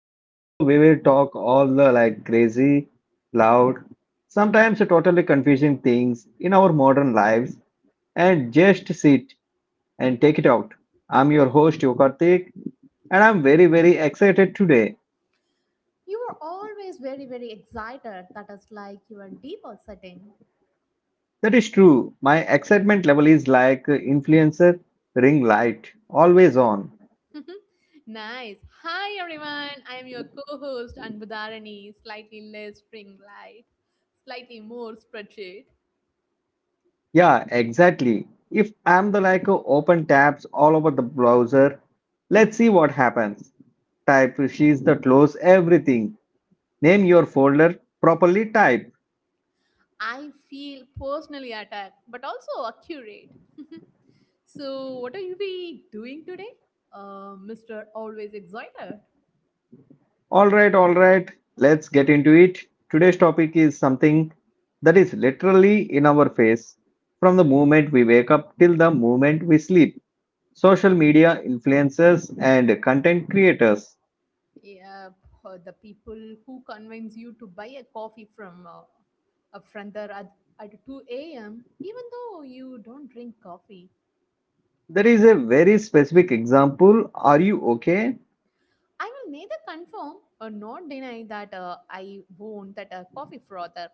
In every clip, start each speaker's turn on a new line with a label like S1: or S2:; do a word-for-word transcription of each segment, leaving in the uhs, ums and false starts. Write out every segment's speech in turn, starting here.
S1: the show we will talk all the like crazy, loud, sometimes totally confusing things in our modern lives and just sit and take it out. I'm your host Yokartik, and I'm very very excited today.
S2: You were always very, very excited. That is like your default setting.
S1: That is true. My excitement level is like influencer ring light, always on.
S2: Nice. Hi, everyone. I am your co host, Anbudharani, slightly less spring light, slightly more spreadsheet.
S1: Yeah, exactly. If I'm the like uh, open tabs all over the browser, let's see what happens. Type she's the close everything. Name your folder properly type.
S2: I feel personally attacked, but also accurate. So, what are you be doing today? Uh, mister Always Excited.
S1: All right, all right. Let's get into it. Today's topic is something that is literally in our face from the moment we wake up till the moment we sleep. Social media influencers and content creators.
S2: Yeah, for the people who convince you to buy a coffee from uh, a friender at, at two a m, even though you don't drink coffee.
S1: There is a very specific example. Are you okay?
S2: I will neither confirm or not deny that uh, I won't that a coffee frother.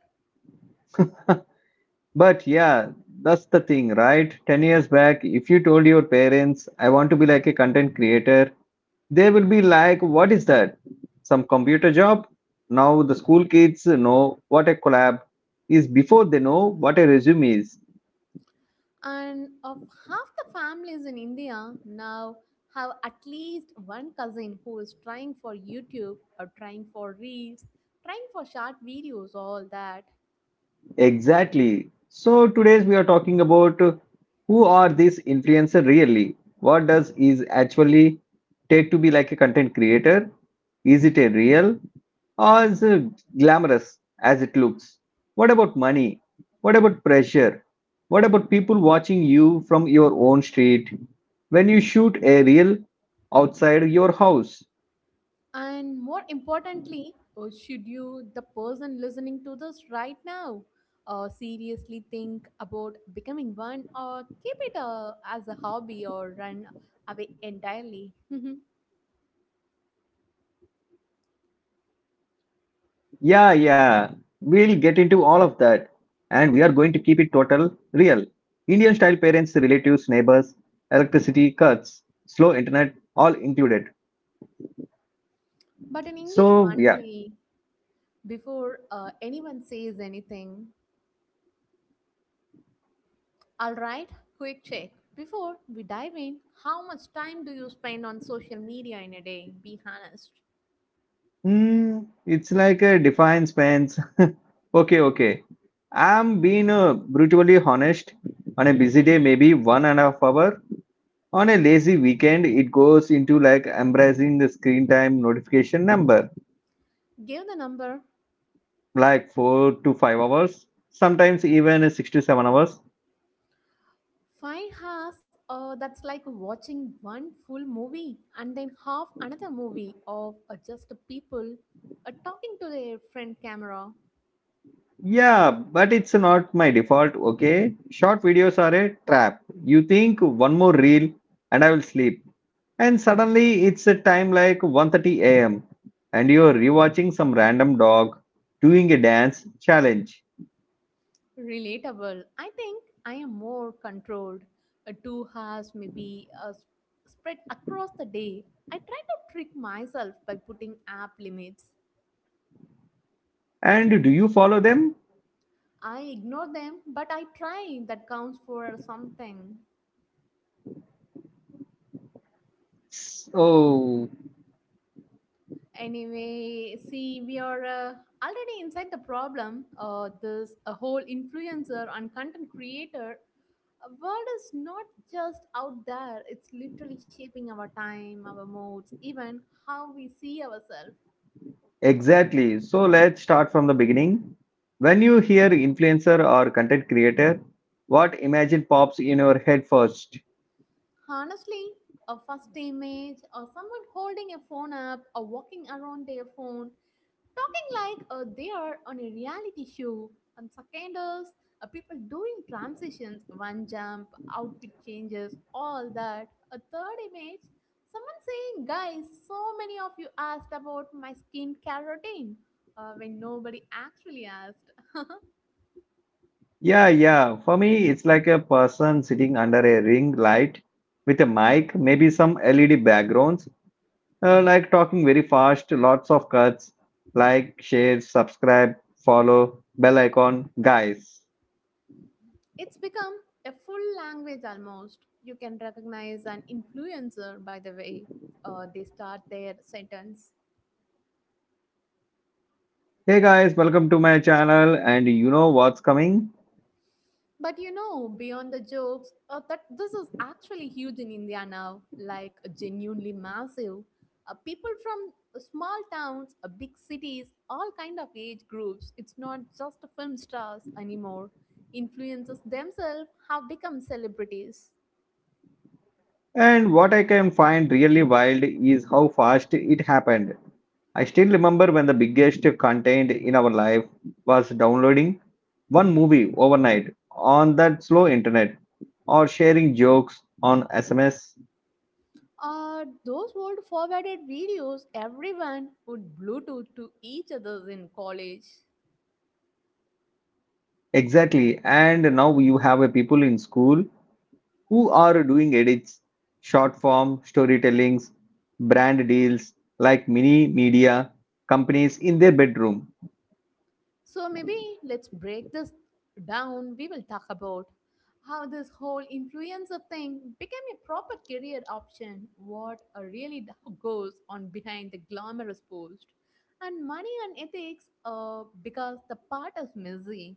S1: But yeah, that's the thing, right? ten years back, if you told your parents, I want to be like a content creator, they will be like, what is that? Some computer job? Now the school kids know what a collab is before they know what a resume is.
S2: And of half the families in India now have at least one cousin who is trying for YouTube or trying for reels, trying for short videos, all that.
S1: Exactly. So today we are talking about uh, who are these influencer really? What does is actually take to be like a content creator? Is it a real or is it glamorous as it looks? What about money? What about pressure? What about people watching you from your own street when you shoot a reel outside your house?
S2: And more importantly, uh, should you, the person listening to this right now, uh, seriously think about becoming one or keep it uh, as a hobby or run away entirely?
S1: Yeah, yeah. We'll get into all of that. And we are going to keep it total real. Indian style parents, relatives, neighbors, electricity cuts, slow internet, all included.
S2: But in English,
S1: So,
S2: one
S1: yeah.
S2: day before uh, anyone says anything, all right, quick check. Before we dive in, how much time do you spend on social media in a day? Be honest.
S1: Hmm, it's like a defined spans. okay, okay. I'm being uh, brutally honest. On a busy day, maybe one and a half hour. On a lazy weekend, it goes into like embracing the screen time notification number
S2: Give the number.
S1: like four to five hours, sometimes even six to seven hours.
S2: Five hours, uh, that's like watching one full movie and then half another movie of uh, just people uh, talking to their friend camera.
S1: Yeah, but it's not my default, okay? Short videos are a trap. You think one more reel and I will sleep. And suddenly it's a time like one thirty a m and you're rewatching some random dog doing a dance challenge.
S2: Relatable. I think I am more controlled. Uh, two hours maybe uh, s- spread across the day. I try to trick myself by putting app limits.
S1: And do you follow them?
S2: I ignore them, but I try. That counts for something.
S1: So
S2: Anyway, see, we are uh, already inside the problem. Uh, this a whole influencer and content creator uh, world is not just out there. It's literally shaping our time, our moods, even how we see ourselves.
S1: exactly. So let's start from the beginning. When you hear influencer or content creator, what imagine pops in your head first?
S2: Honestly, a first image or someone holding a phone up or walking around their phone talking like uh, they are on a reality show and seconders, uh, people doing transitions, one jump outfit changes, all that. A third image, someone saying, guys, so many of you asked about my skincare routine uh, when nobody actually asked.
S1: Yeah, yeah. For me, it's like a person sitting under a ring light with a mic, maybe some L E D backgrounds, uh, like talking very fast, lots of cuts, like, share, subscribe, follow, bell icon. Guys,
S2: It's become a full language. Almost you can recognize an influencer by the way uh, they start their sentence.
S1: hey guys, welcome to my channel. And you know what's coming?
S2: But you know, beyond the jokes, uh, that this is actually huge in India now, like genuinely massive. Uh, people from uh, small towns, uh, big cities, all kind of age groups. It's not just film stars anymore. Influencers themselves have become celebrities.
S1: And what I can find really wild is how fast it happened. I still remember when the biggest content in our life was downloading one movie overnight on that slow internet or sharing jokes on S M S.
S2: Uh, those old forwarded videos everyone would Bluetooth to each other in college.
S1: Exactly. And now you have a people in school who are doing edits, short form storytellings, brand deals like mini media companies in their bedroom.
S2: So maybe let's break this down. We will talk about how this whole influencer thing became a proper career option, what uh, really d- goes on behind the glamorous post, and money and ethics uh, because the part is messy.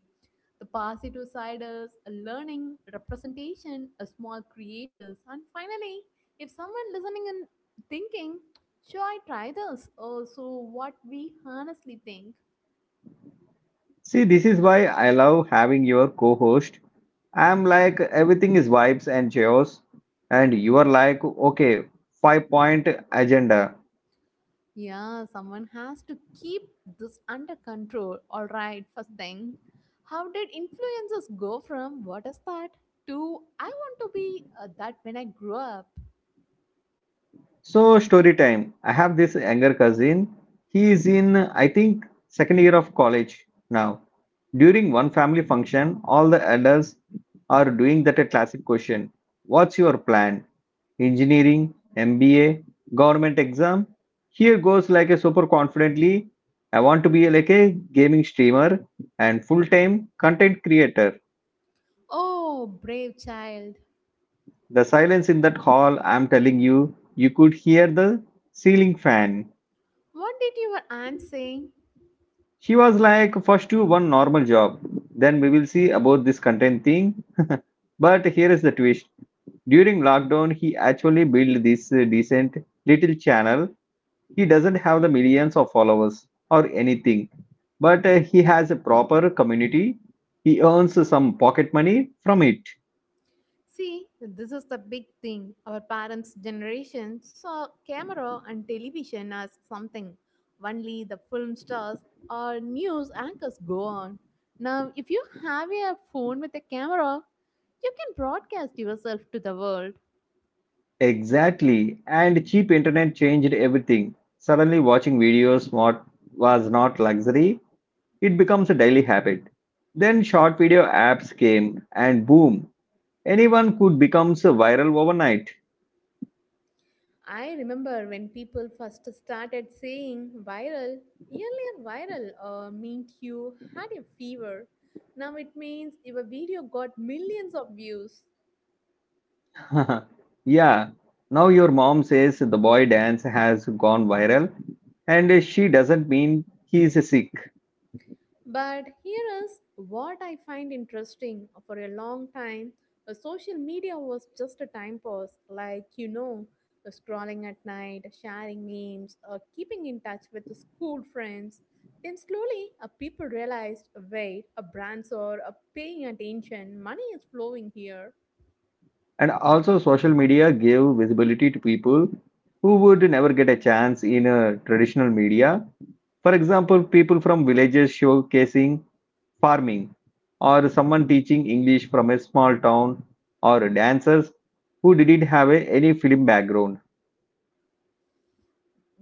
S2: The positive side is a learning, representation, a small creators, and finally, if someone listening and thinking, should I try this? Also, what we honestly think.
S1: See, this is why I love having your co-host. I'm like everything is vibes and chaos, and you are like okay, five point agenda.
S2: Yeah, someone has to keep this under control. All right, first thing. How did influences go from what is that to I want to be uh, that when I grow up?
S1: So story time. I have this younger cousin. He is in I think second year of college now. During one family function, all the adults are doing that classic question. What's your plan? Engineering, M B A, government exam? Here goes like a super confidently. I want to be like a gaming streamer and full-time content creator.
S2: Oh, brave child.
S1: The silence in that hall, I'm telling you, you could hear the ceiling fan.
S2: What did your aunt say?
S1: She was like, first you one normal job, then we will see about this content thing. but here is the twist. During lockdown, he actually built this uh, decent little channel. He doesn't have the millions of followers or anything, but uh, he has a proper community. He earns some pocket money from it.
S2: See, this is the big thing. Our parents' generation saw camera and television as something only the film stars or news anchors go on. Now, if you have a phone with a camera, you can broadcast yourself to the world.
S1: Exactly. And cheap internet changed everything. Suddenly, watching videos what was not luxury, it becomes a daily habit. Then short video apps came and boom, anyone could become viral overnight.
S2: I remember when people first started saying viral, earlier viral uh, meant you had a fever. Now it means if a video got millions of views.
S1: yeah, now your mom says the boy dance has gone viral and she doesn't mean he is sick.
S2: But here is what I find interesting. For a long time, uh, social media was just a time pass, like you know, uh, scrolling at night, sharing memes, uh, keeping in touch with the school friends. Then slowly, uh, people realized wait, uh, brands are uh, paying attention, money is flowing here.
S1: And also social media gave visibility to people who would never get a chance in a traditional media. For example, people from villages showcasing farming, or someone teaching English from a small town, or dancers who didn't have a, any film background.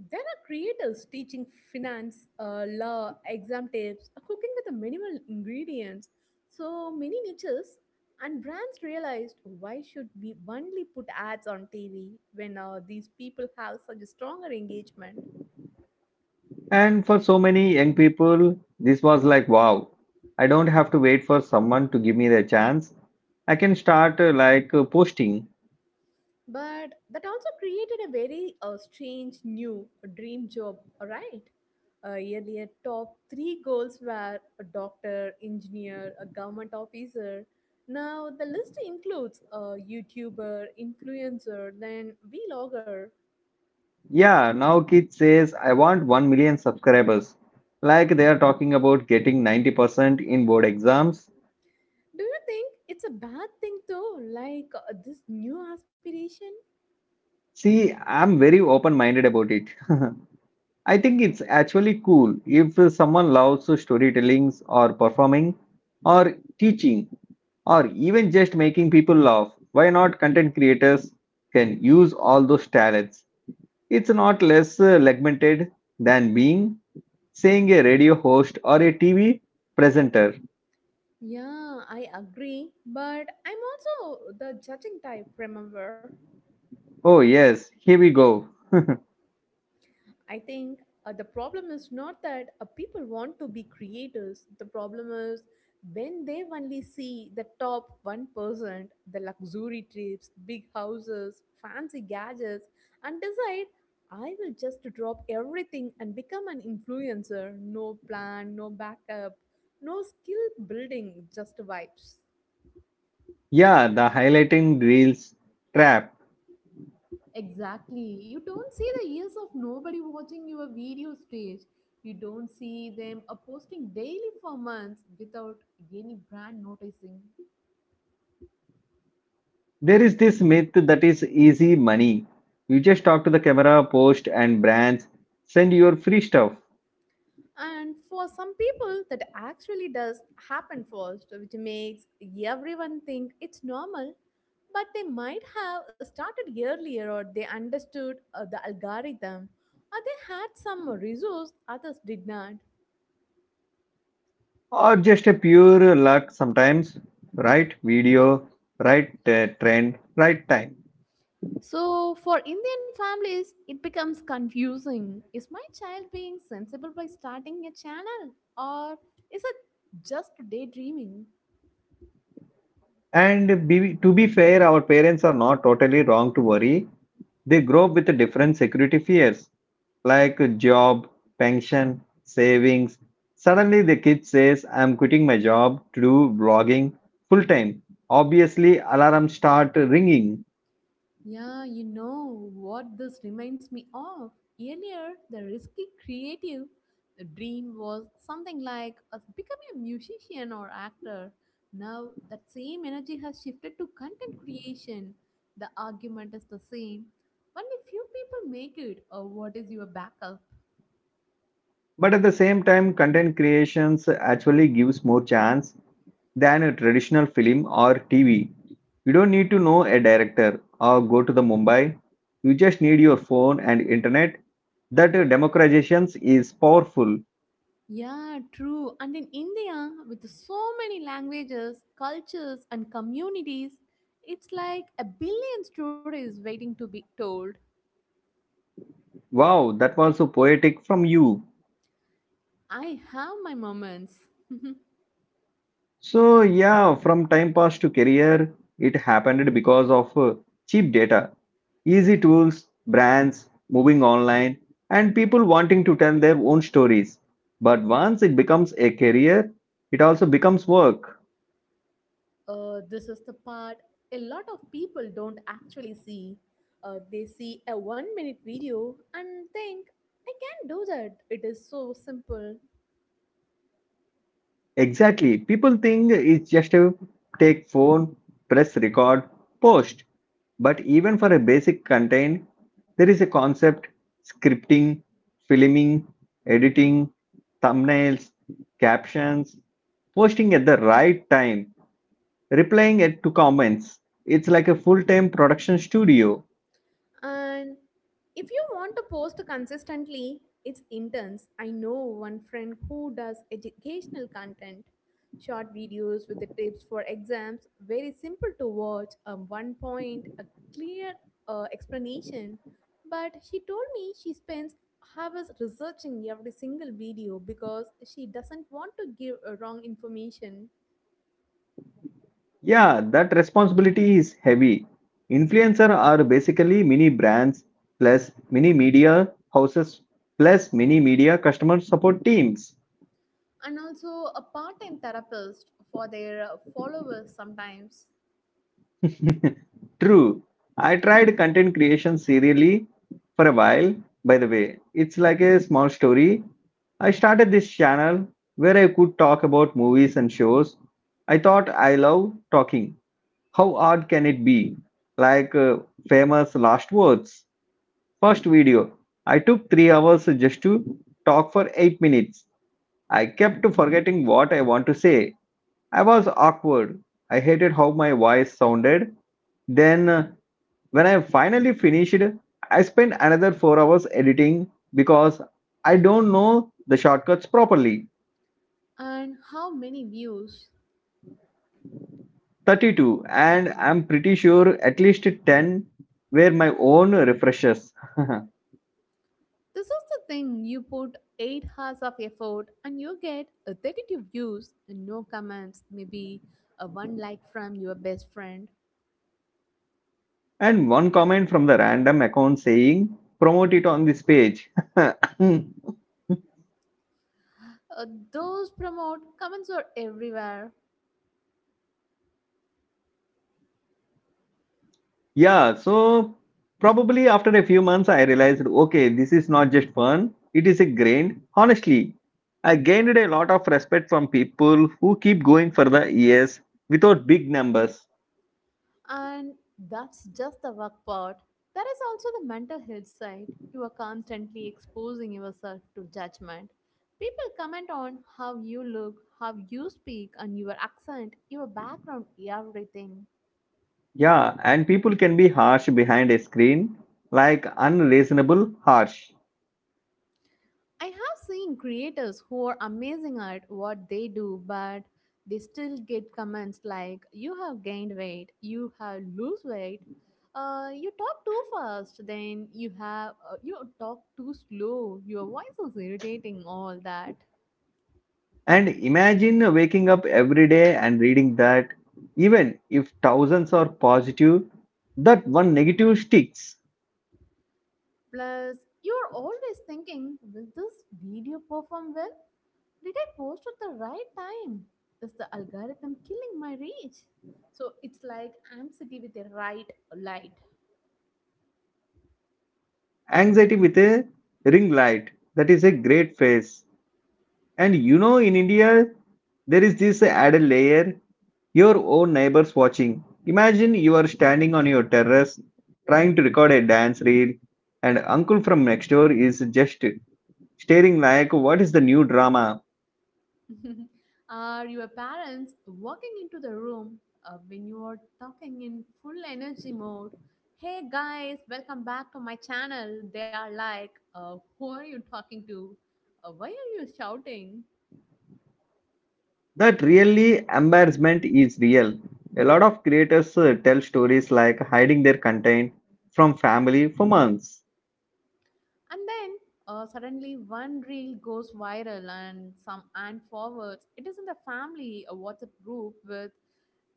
S2: There are creators teaching finance, uh, law, exam tips, uh, cooking with the minimal ingredients. So many niches and brands realized why should we only put ads on T V when uh, these people have such a stronger engagement?
S1: And for so many young people, this was like, wow, I don't have to wait for someone to give me the chance. I can start uh, like uh, posting.
S2: But that also created a very uh, strange new dream job, right? Uh, earlier, top three goals were a doctor, engineer, a government officer. Now, the list includes a YouTuber, influencer, then vlogger.
S1: Yeah, now kid says I want one million subscribers. Like they are talking about getting ninety percent in board exams.
S2: Do you think it's a bad thing though, like uh, this new aspiration?
S1: See, I'm very open minded about it. I think it's actually cool if someone loves storytelling or performing or teaching or even just making people laugh. Why not content creators can use all those talents? It's not less uh, segmented than being saying a radio host or a T V presenter.
S2: Yeah, I agree, but I'm also the judging type, remember?
S1: Oh yes, here we go.
S2: I think uh, the problem is not that uh, people want to be creators. The problem is when they only see the top one percent, the luxury trips, big houses, fancy gadgets, and decide, I will just drop everything and become an influencer. No plan, no backup, no skill building, just vibes.
S1: Yeah, the highlighting reels trap.
S2: Exactly. You don't see the years of nobody watching your video stage. You don't see them uh, posting daily for months without any brand noticing.
S1: There is this myth that is easy money. You just talk to the camera, post, and brands, send your free stuff,
S2: And for some people, that actually does happen first, which makes everyone think it's normal. But they might have started earlier or they understood uh, the algorithm or they had some resource others did not.
S1: or just a pure luck sometimes. Right video, right uh, trend, right time.
S2: So, for Indian families, it becomes confusing. Is my child being sensible by starting a channel? Or is it just daydreaming?
S1: And be, to be fair, our parents are not totally wrong to worry. They grow up with different security fears, like job, pension, savings. Suddenly, the kid says, I'm quitting my job to do vlogging full time. Obviously, alarms start ringing.
S2: Yeah, you know what this reminds me of. Earlier, the risky creative, the dream was something like us becoming a musician or actor. Now, that same energy has shifted to content creation. The argument is the same. Only few people make it, or what is your backup?
S1: But at the same time, content creations actually gives more chance than a traditional film or T V. You don't need to know a director or go to the Mumbai. You just need your phone and internet. That democratization is powerful.
S2: Yeah, true. And in India, with so many languages, cultures, and communities, it's like a billion stories waiting to be told.
S1: Wow, that was so poetic from you.
S2: I have my moments.
S1: So, yeah, from time past to career, it happened because of uh, cheap data, easy tools, brands moving online, and people wanting to tell their own stories. But once it becomes a career, it also becomes work.
S2: Uh, this is the part a lot of people don't actually see. Uh, they see a one minute video and think, I can do that. It is so simple.
S1: Exactly. People think it's just a take phone, press record, post. But even for a basic content, there is a concept scripting, filming, editing, thumbnails, captions, posting at the right time, replying at to comments. It's like a full-time production studio.
S2: And if you want to post consistently, it's intense. I know one friend who does educational content, short videos with the tips for exams, very simple to watch, a one point, a clear uh, explanation. But she told me she spends hours researching every single video because she doesn't want to give uh, wrong information.
S1: Yeah, that responsibility is heavy. Influencer are basically mini brands plus mini media houses plus mini media customer support teams.
S2: And also a part time therapist for their uh, followers sometimes.
S1: True. I tried content creation serially for a while, by the way. It's like a small story. I started this channel where I could talk about movies and shows. I thought I love talking. How odd can it be? Like uh, Famous last words. First video, I took three hours just to talk for eight minutes. I kept forgetting what I want to say. I was awkward. I hated how my voice sounded. Then, uh, when I finally finished, I spent another four hours editing because I don't know the shortcuts properly.
S2: And how many views.
S1: thirty-two, and I'm pretty sure at least ten were my own refreshes.
S2: This is the thing you put eight hours of effort and you get a thirty-two views and no comments, maybe a one like from your best friend.
S1: And one comment from the random account saying, promote it on this page.
S2: Uh, those promote comments are everywhere.
S1: yeah, so probably after a few months, I realized, okay, this is not just fun, it is a grind. Honestly, I gained a lot of respect from people who keep going for the years without big numbers.
S2: And that's just the work part. There is also the mental health side. You are constantly exposing yourself to judgment. People comment on how you look, how you speak, and your accent, your background, everything.
S1: Yeah, and people can be harsh behind a screen, like unreasonable harsh.
S2: I have seen creators who are amazing at what they do, but they still get comments like, you have gained weight, you have lose weight, uh, you talk too fast, then you have, uh, you talk too slow, your voice is irritating, all that.
S1: And imagine waking up every day and reading that even if thousands are positive, that one negative sticks.
S2: Plus, you're always thinking, will this video perform well? Did I post at the right time? Is the algorithm killing my reach? So it's like anxiety with a right light.
S1: Anxiety with a ring light. That is a great phase. And you know, in India, there is this added layer your own neighbors watching. Imagine you are standing on your terrace trying to record a dance reel, and uncle from next door is just staring like, what is the new drama?
S2: Are your parents walking into the room uh, when you are talking in full energy mode? Hey guys, welcome back to my channel. They are like, uh, who are you talking to? Uh, why are you shouting?
S1: That really embarrassment is real. A lot of creators uh, tell stories like hiding their content from family for months.
S2: And then uh, suddenly one reel goes viral and some and forwards. It is in the family a WhatsApp group with,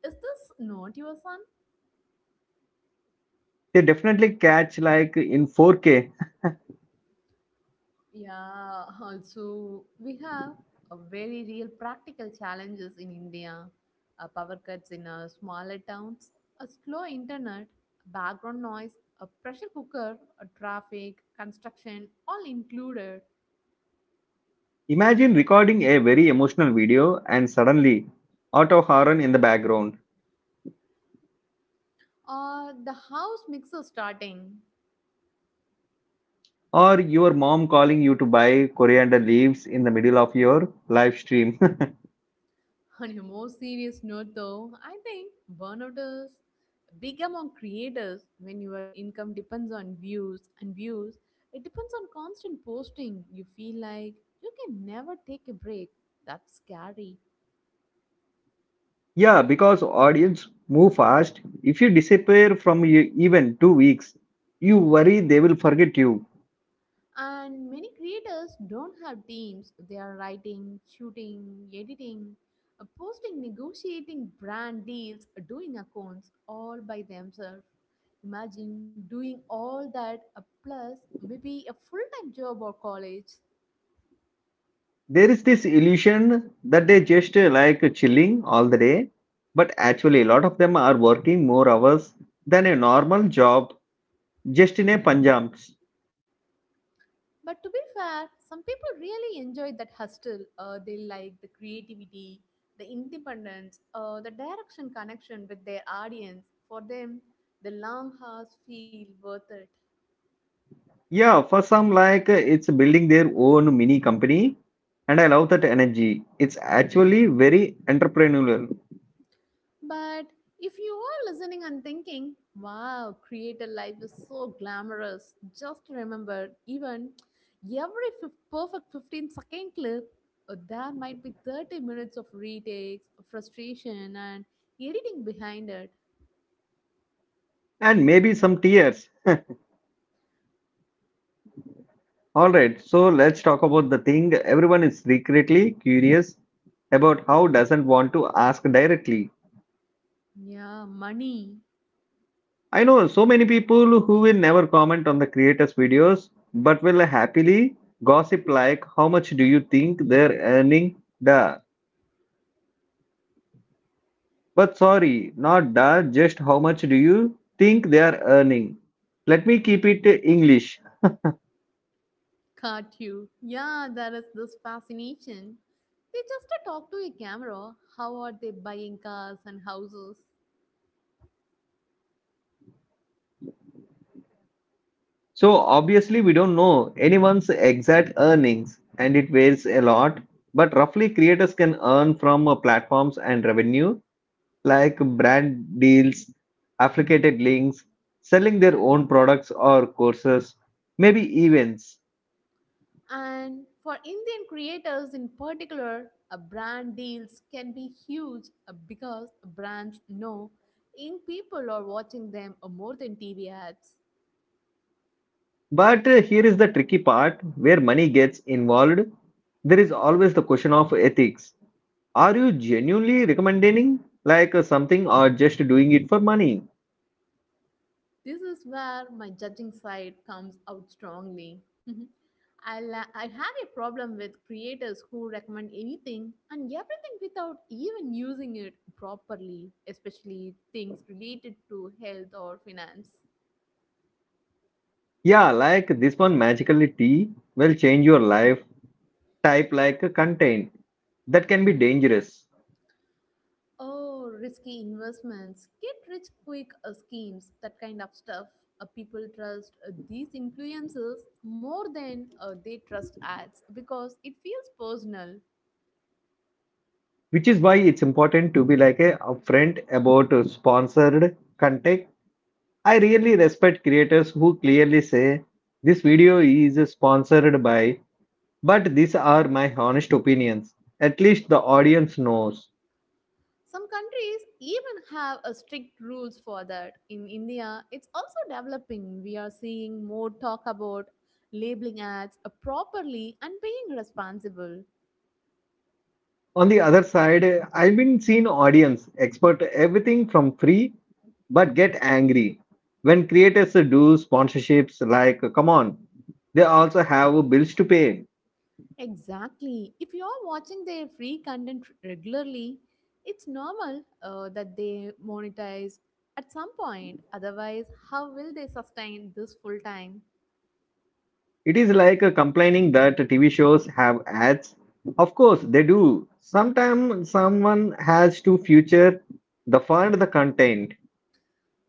S2: is this not your son?
S1: They definitely catch like in four K.
S2: Yeah, also we have a very real practical challenges in India. Uh, power cuts in uh, smaller towns, a slow internet, background noise, a pressure cooker, a traffic, construction, all included,
S1: Imagine recording a very emotional video and suddenly auto horn in the background
S2: or the house mixer starting.
S1: or your mom calling you to buy coriander leaves in the middle of your live stream.
S2: On a more serious note, though, I think burnout is big among creators when your income depends on views and views. It depends on constant posting. You feel like you can never take a break. That's scary.
S1: yeah, because audience move fast. If you disappear from your even two weeks, you worry they will forget you.
S2: And many creators don't have teams. They are writing, shooting, editing, uh, posting, negotiating brand deals, doing accounts all by themselves. Imagine doing all that uh, plus maybe a full time job or college.
S1: There is this illusion that they just uh, like chilling all the day, but actually, a lot of them are working more hours than a normal job just in a Punjabs.
S2: But to be fair, some people really enjoy that hustle. Uh, they like the creativity, the independence, uh, the direction connection with their audience. For them, the long hours feel worth it.
S1: Yeah, for some, like uh, it's building their own mini company, and I love that energy. It's actually very entrepreneurial
S2: But if you are listening and thinking, wow, creator life is so glamorous, just remember even every fif- perfect fifteen second clip, uh, there might be thirty minutes of retakes, frustration, and editing behind it.
S1: and maybe some tears. All right, so let's talk about the thing everyone is secretly curious about how doesn't want to ask directly.
S2: Yeah, money
S1: I know so many people who will never comment on the creators' videos but will happily gossip like how much do you think they're earning the but sorry not the just how much do you think they are earning. Let me keep it english.
S2: caught you. Yeah, there is this fascination. They just uh, talk to a camera. How are they buying cars and houses?
S1: So obviously we don't know anyone's exact earnings and it varies a lot, but roughly creators can earn from uh, platforms and revenue like brand deals, affiliated links, selling their own products or courses, maybe events.
S2: And for Indian creators in particular, a brand deals can be huge uh, because brands know young people are watching them uh, more than T V ads.
S1: But uh, here is the tricky part where money gets involved. There is always the question of ethics. Are you genuinely recommending like uh, something or just doing it for money?
S2: This is where my judging side comes out strongly. I, la- I have a problem with creators who recommend anything and everything without even using it properly, especially things related to health or finance.
S1: Yeah, like this one magically tea will change your life type like uh, content. That can be dangerous.
S2: Oh, risky investments, get rich quick uh, schemes, that kind of stuff. Uh, people trust uh, these influencers more than uh, they trust ads because it feels personal.
S1: Which is why it's important to be like a upfront about uh, sponsored content. I really respect creators who clearly say this video is sponsored by, but these are my honest opinions. At least the audience knows.
S2: Some countries even have a strict rules for that. In India, it's also developing. We are seeing more talk about labeling ads uh, properly and being responsible.
S1: On the other side, I've been seen audience expert everything from free but get angry when creators do sponsorships. Like come on, they also have bills to pay.
S2: Exactly. If you are watching their free content regularly, it's normal uh, that they monetize at some point. Otherwise, how will they sustain this full time?
S1: It is like uh, complaining that T V shows have ads. Of course, they do. Sometimes someone has to future the fund the content.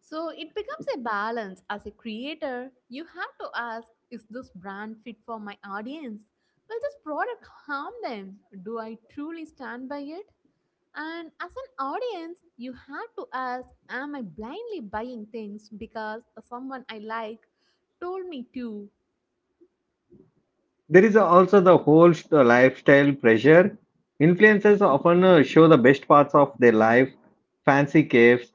S2: So it becomes a balance. As a creator, you have to ask, is this brand fit for my audience? Will this product harm them? Do I truly stand by it? And as an audience, you have to ask, am I blindly buying things because someone I like told me to?
S1: There is also the whole st- uh, lifestyle pressure. Influencers often uh, show the best parts of their life, fancy caves,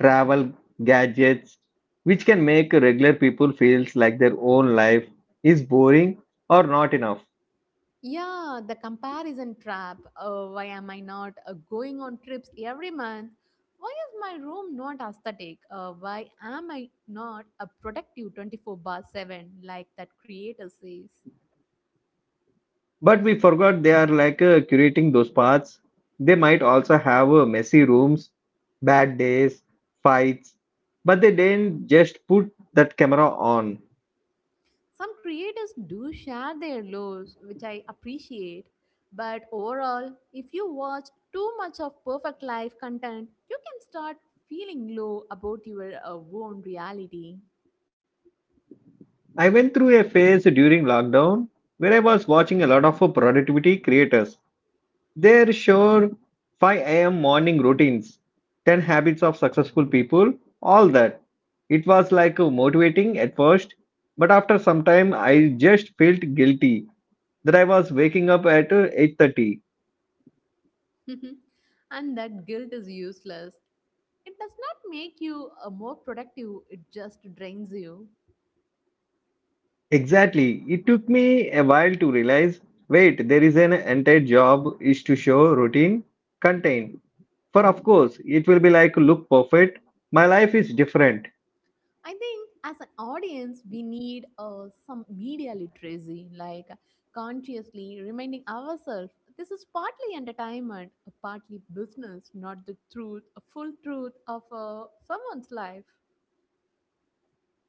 S1: travel, gadgets, which can make regular people feels like their own life is boring or not enough.
S2: Yeah, the comparison trap. Uh, why am I not uh, going on trips every month? Why is my room not aesthetic? Uh, why am I not a productive twenty four by seven like that creator says?
S1: But we forgot they are like uh, curating those parts. They might also have uh, messy rooms, bad days, fights, but they didn't just put that camera on.
S2: Some creators do share their lows, which I appreciate. But overall, if you watch too much of perfect life content, you can start feeling low about your uh, own reality.
S1: I went through a phase during lockdown where I was watching a lot of uh, productivity creators. Their sure five a m morning routines, ten habits of successful people, all that. It was like uh, motivating at first, but after some time I just felt guilty that I was waking up at uh, eight thirty.
S2: And that guilt is useless. It does not make you uh, more productive, it just drains you.
S1: Exactly. It took me a while to realize, wait, there is an entire job is to show routine contain. For of course, it will be like look perfect. My life is different.
S2: I think as an audience, we need uh, some media literacy, like consciously reminding ourselves this is partly entertainment, partly business, not the truth, a full truth of uh, someone's life.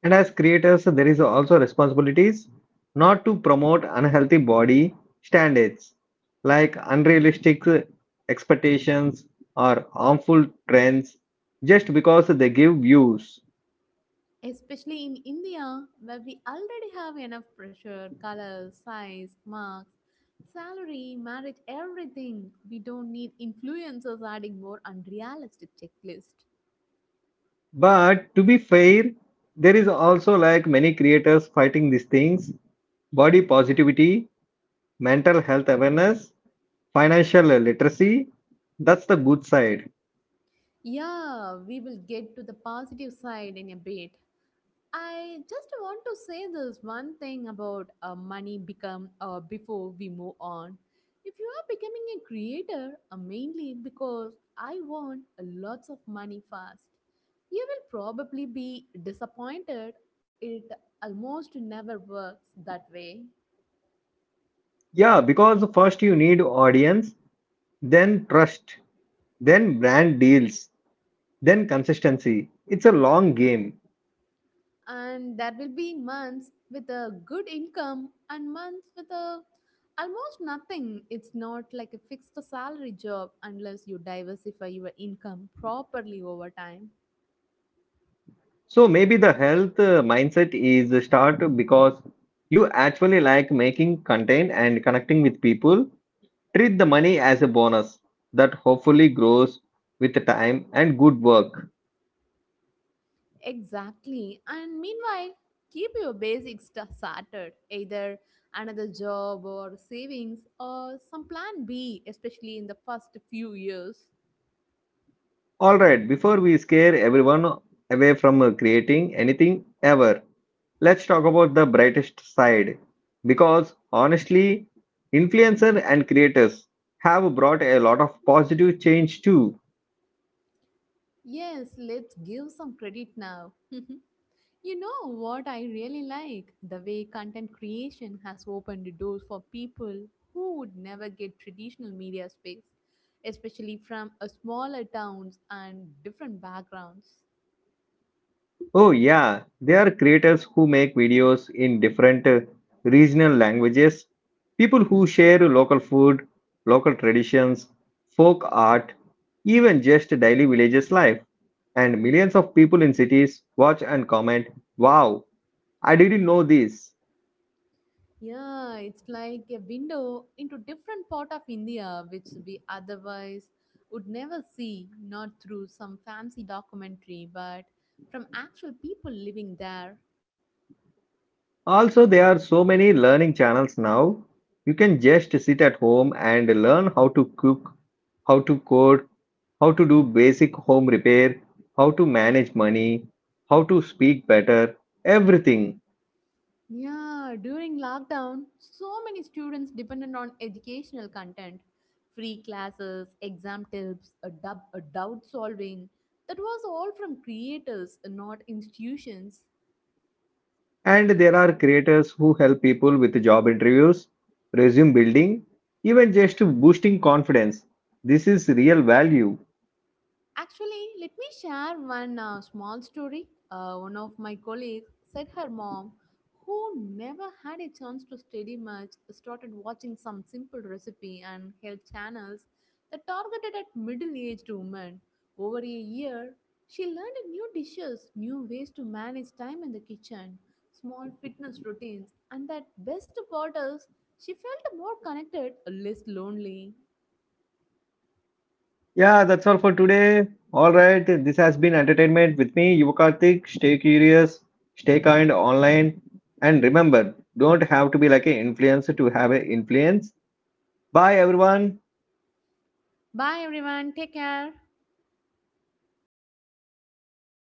S1: And as creators, there is also responsibilities not to promote unhealthy body standards, like unrealistic uh, expectations or harmful trends just because they give views.
S2: Especially in India, where we already have enough pressure, color, size, marks, salary, marriage, everything. We don't need influencers adding more unrealistic checklist.
S1: But to be fair, there is also like many creators fighting these things, body positivity, mental health awareness, financial literacy. That's the good side.
S2: Yeah, we will get to the positive side in a bit. I just want to say this one thing about uh, money become uh, before we move on. If you are becoming a creator, uh, mainly because I want uh, lots of money fast, you will probably be disappointed. It almost never works that way.
S1: Yeah, because first you need audience, then trust, then brand deals, then consistency. It's a long game.
S2: And there will be months with a good income and months with a almost nothing. It's not like a fixed salary job unless you diversify your income properly over time.
S1: So maybe the health uh, mindset is start because you actually like making content and connecting with people. Treat the money as a bonus that hopefully grows with time and good work.
S2: Exactly. And meanwhile, keep your basic stuff sorted, either another job or savings or some plan b, especially in the first few years.
S1: Alright, before we scare everyone away from uh, creating anything ever, let's talk about the brightest side. Because honestly, influencers and creators have brought a lot of positive change too.
S2: Yes, let's give some credit now. You know what I really like? The way content creation has opened the doors for people who would never get traditional media space, especially from a smaller towns and different backgrounds.
S1: Oh, yeah, there are creators who make videos in different uh, regional languages, people who share local food, local traditions, folk art, even just daily villages life. And millions of people in cities watch and comment, wow, I didn't know this.
S2: Yeah, it's like a window into different part of India which we otherwise would never see, not through some fancy documentary, but from actual people living there.
S1: Also, there are so many learning channels now. You can just sit at home and learn how to cook, how to code, how to do basic home repair, how to manage money, how to speak better, everything.
S2: Yeah, during lockdown, so many students depended on educational content, free classes, exam tips, a dub, a doubt solving. That was all from creators, not institutions.
S1: And there are creators who help people with job interviews, resume building, even just boosting confidence. This is real value.
S2: Actually, let me share one uh, small story. Uh, one of my colleagues said her mom, who never had a chance to study much, started watching some simple recipe and health channels that targeted at middle aged women. Over a year, she learned new dishes, new ways to manage time in the kitchen, small fitness routines, and that best of all is she felt more connected, less lonely.
S1: Yeah, that's all for today. All right, this has been entertainment with me, Yuvakarthik. Stay curious, stay kind online, and remember, don't have to be like an influencer to have an influence. Bye, everyone.
S2: Bye everyone, take care.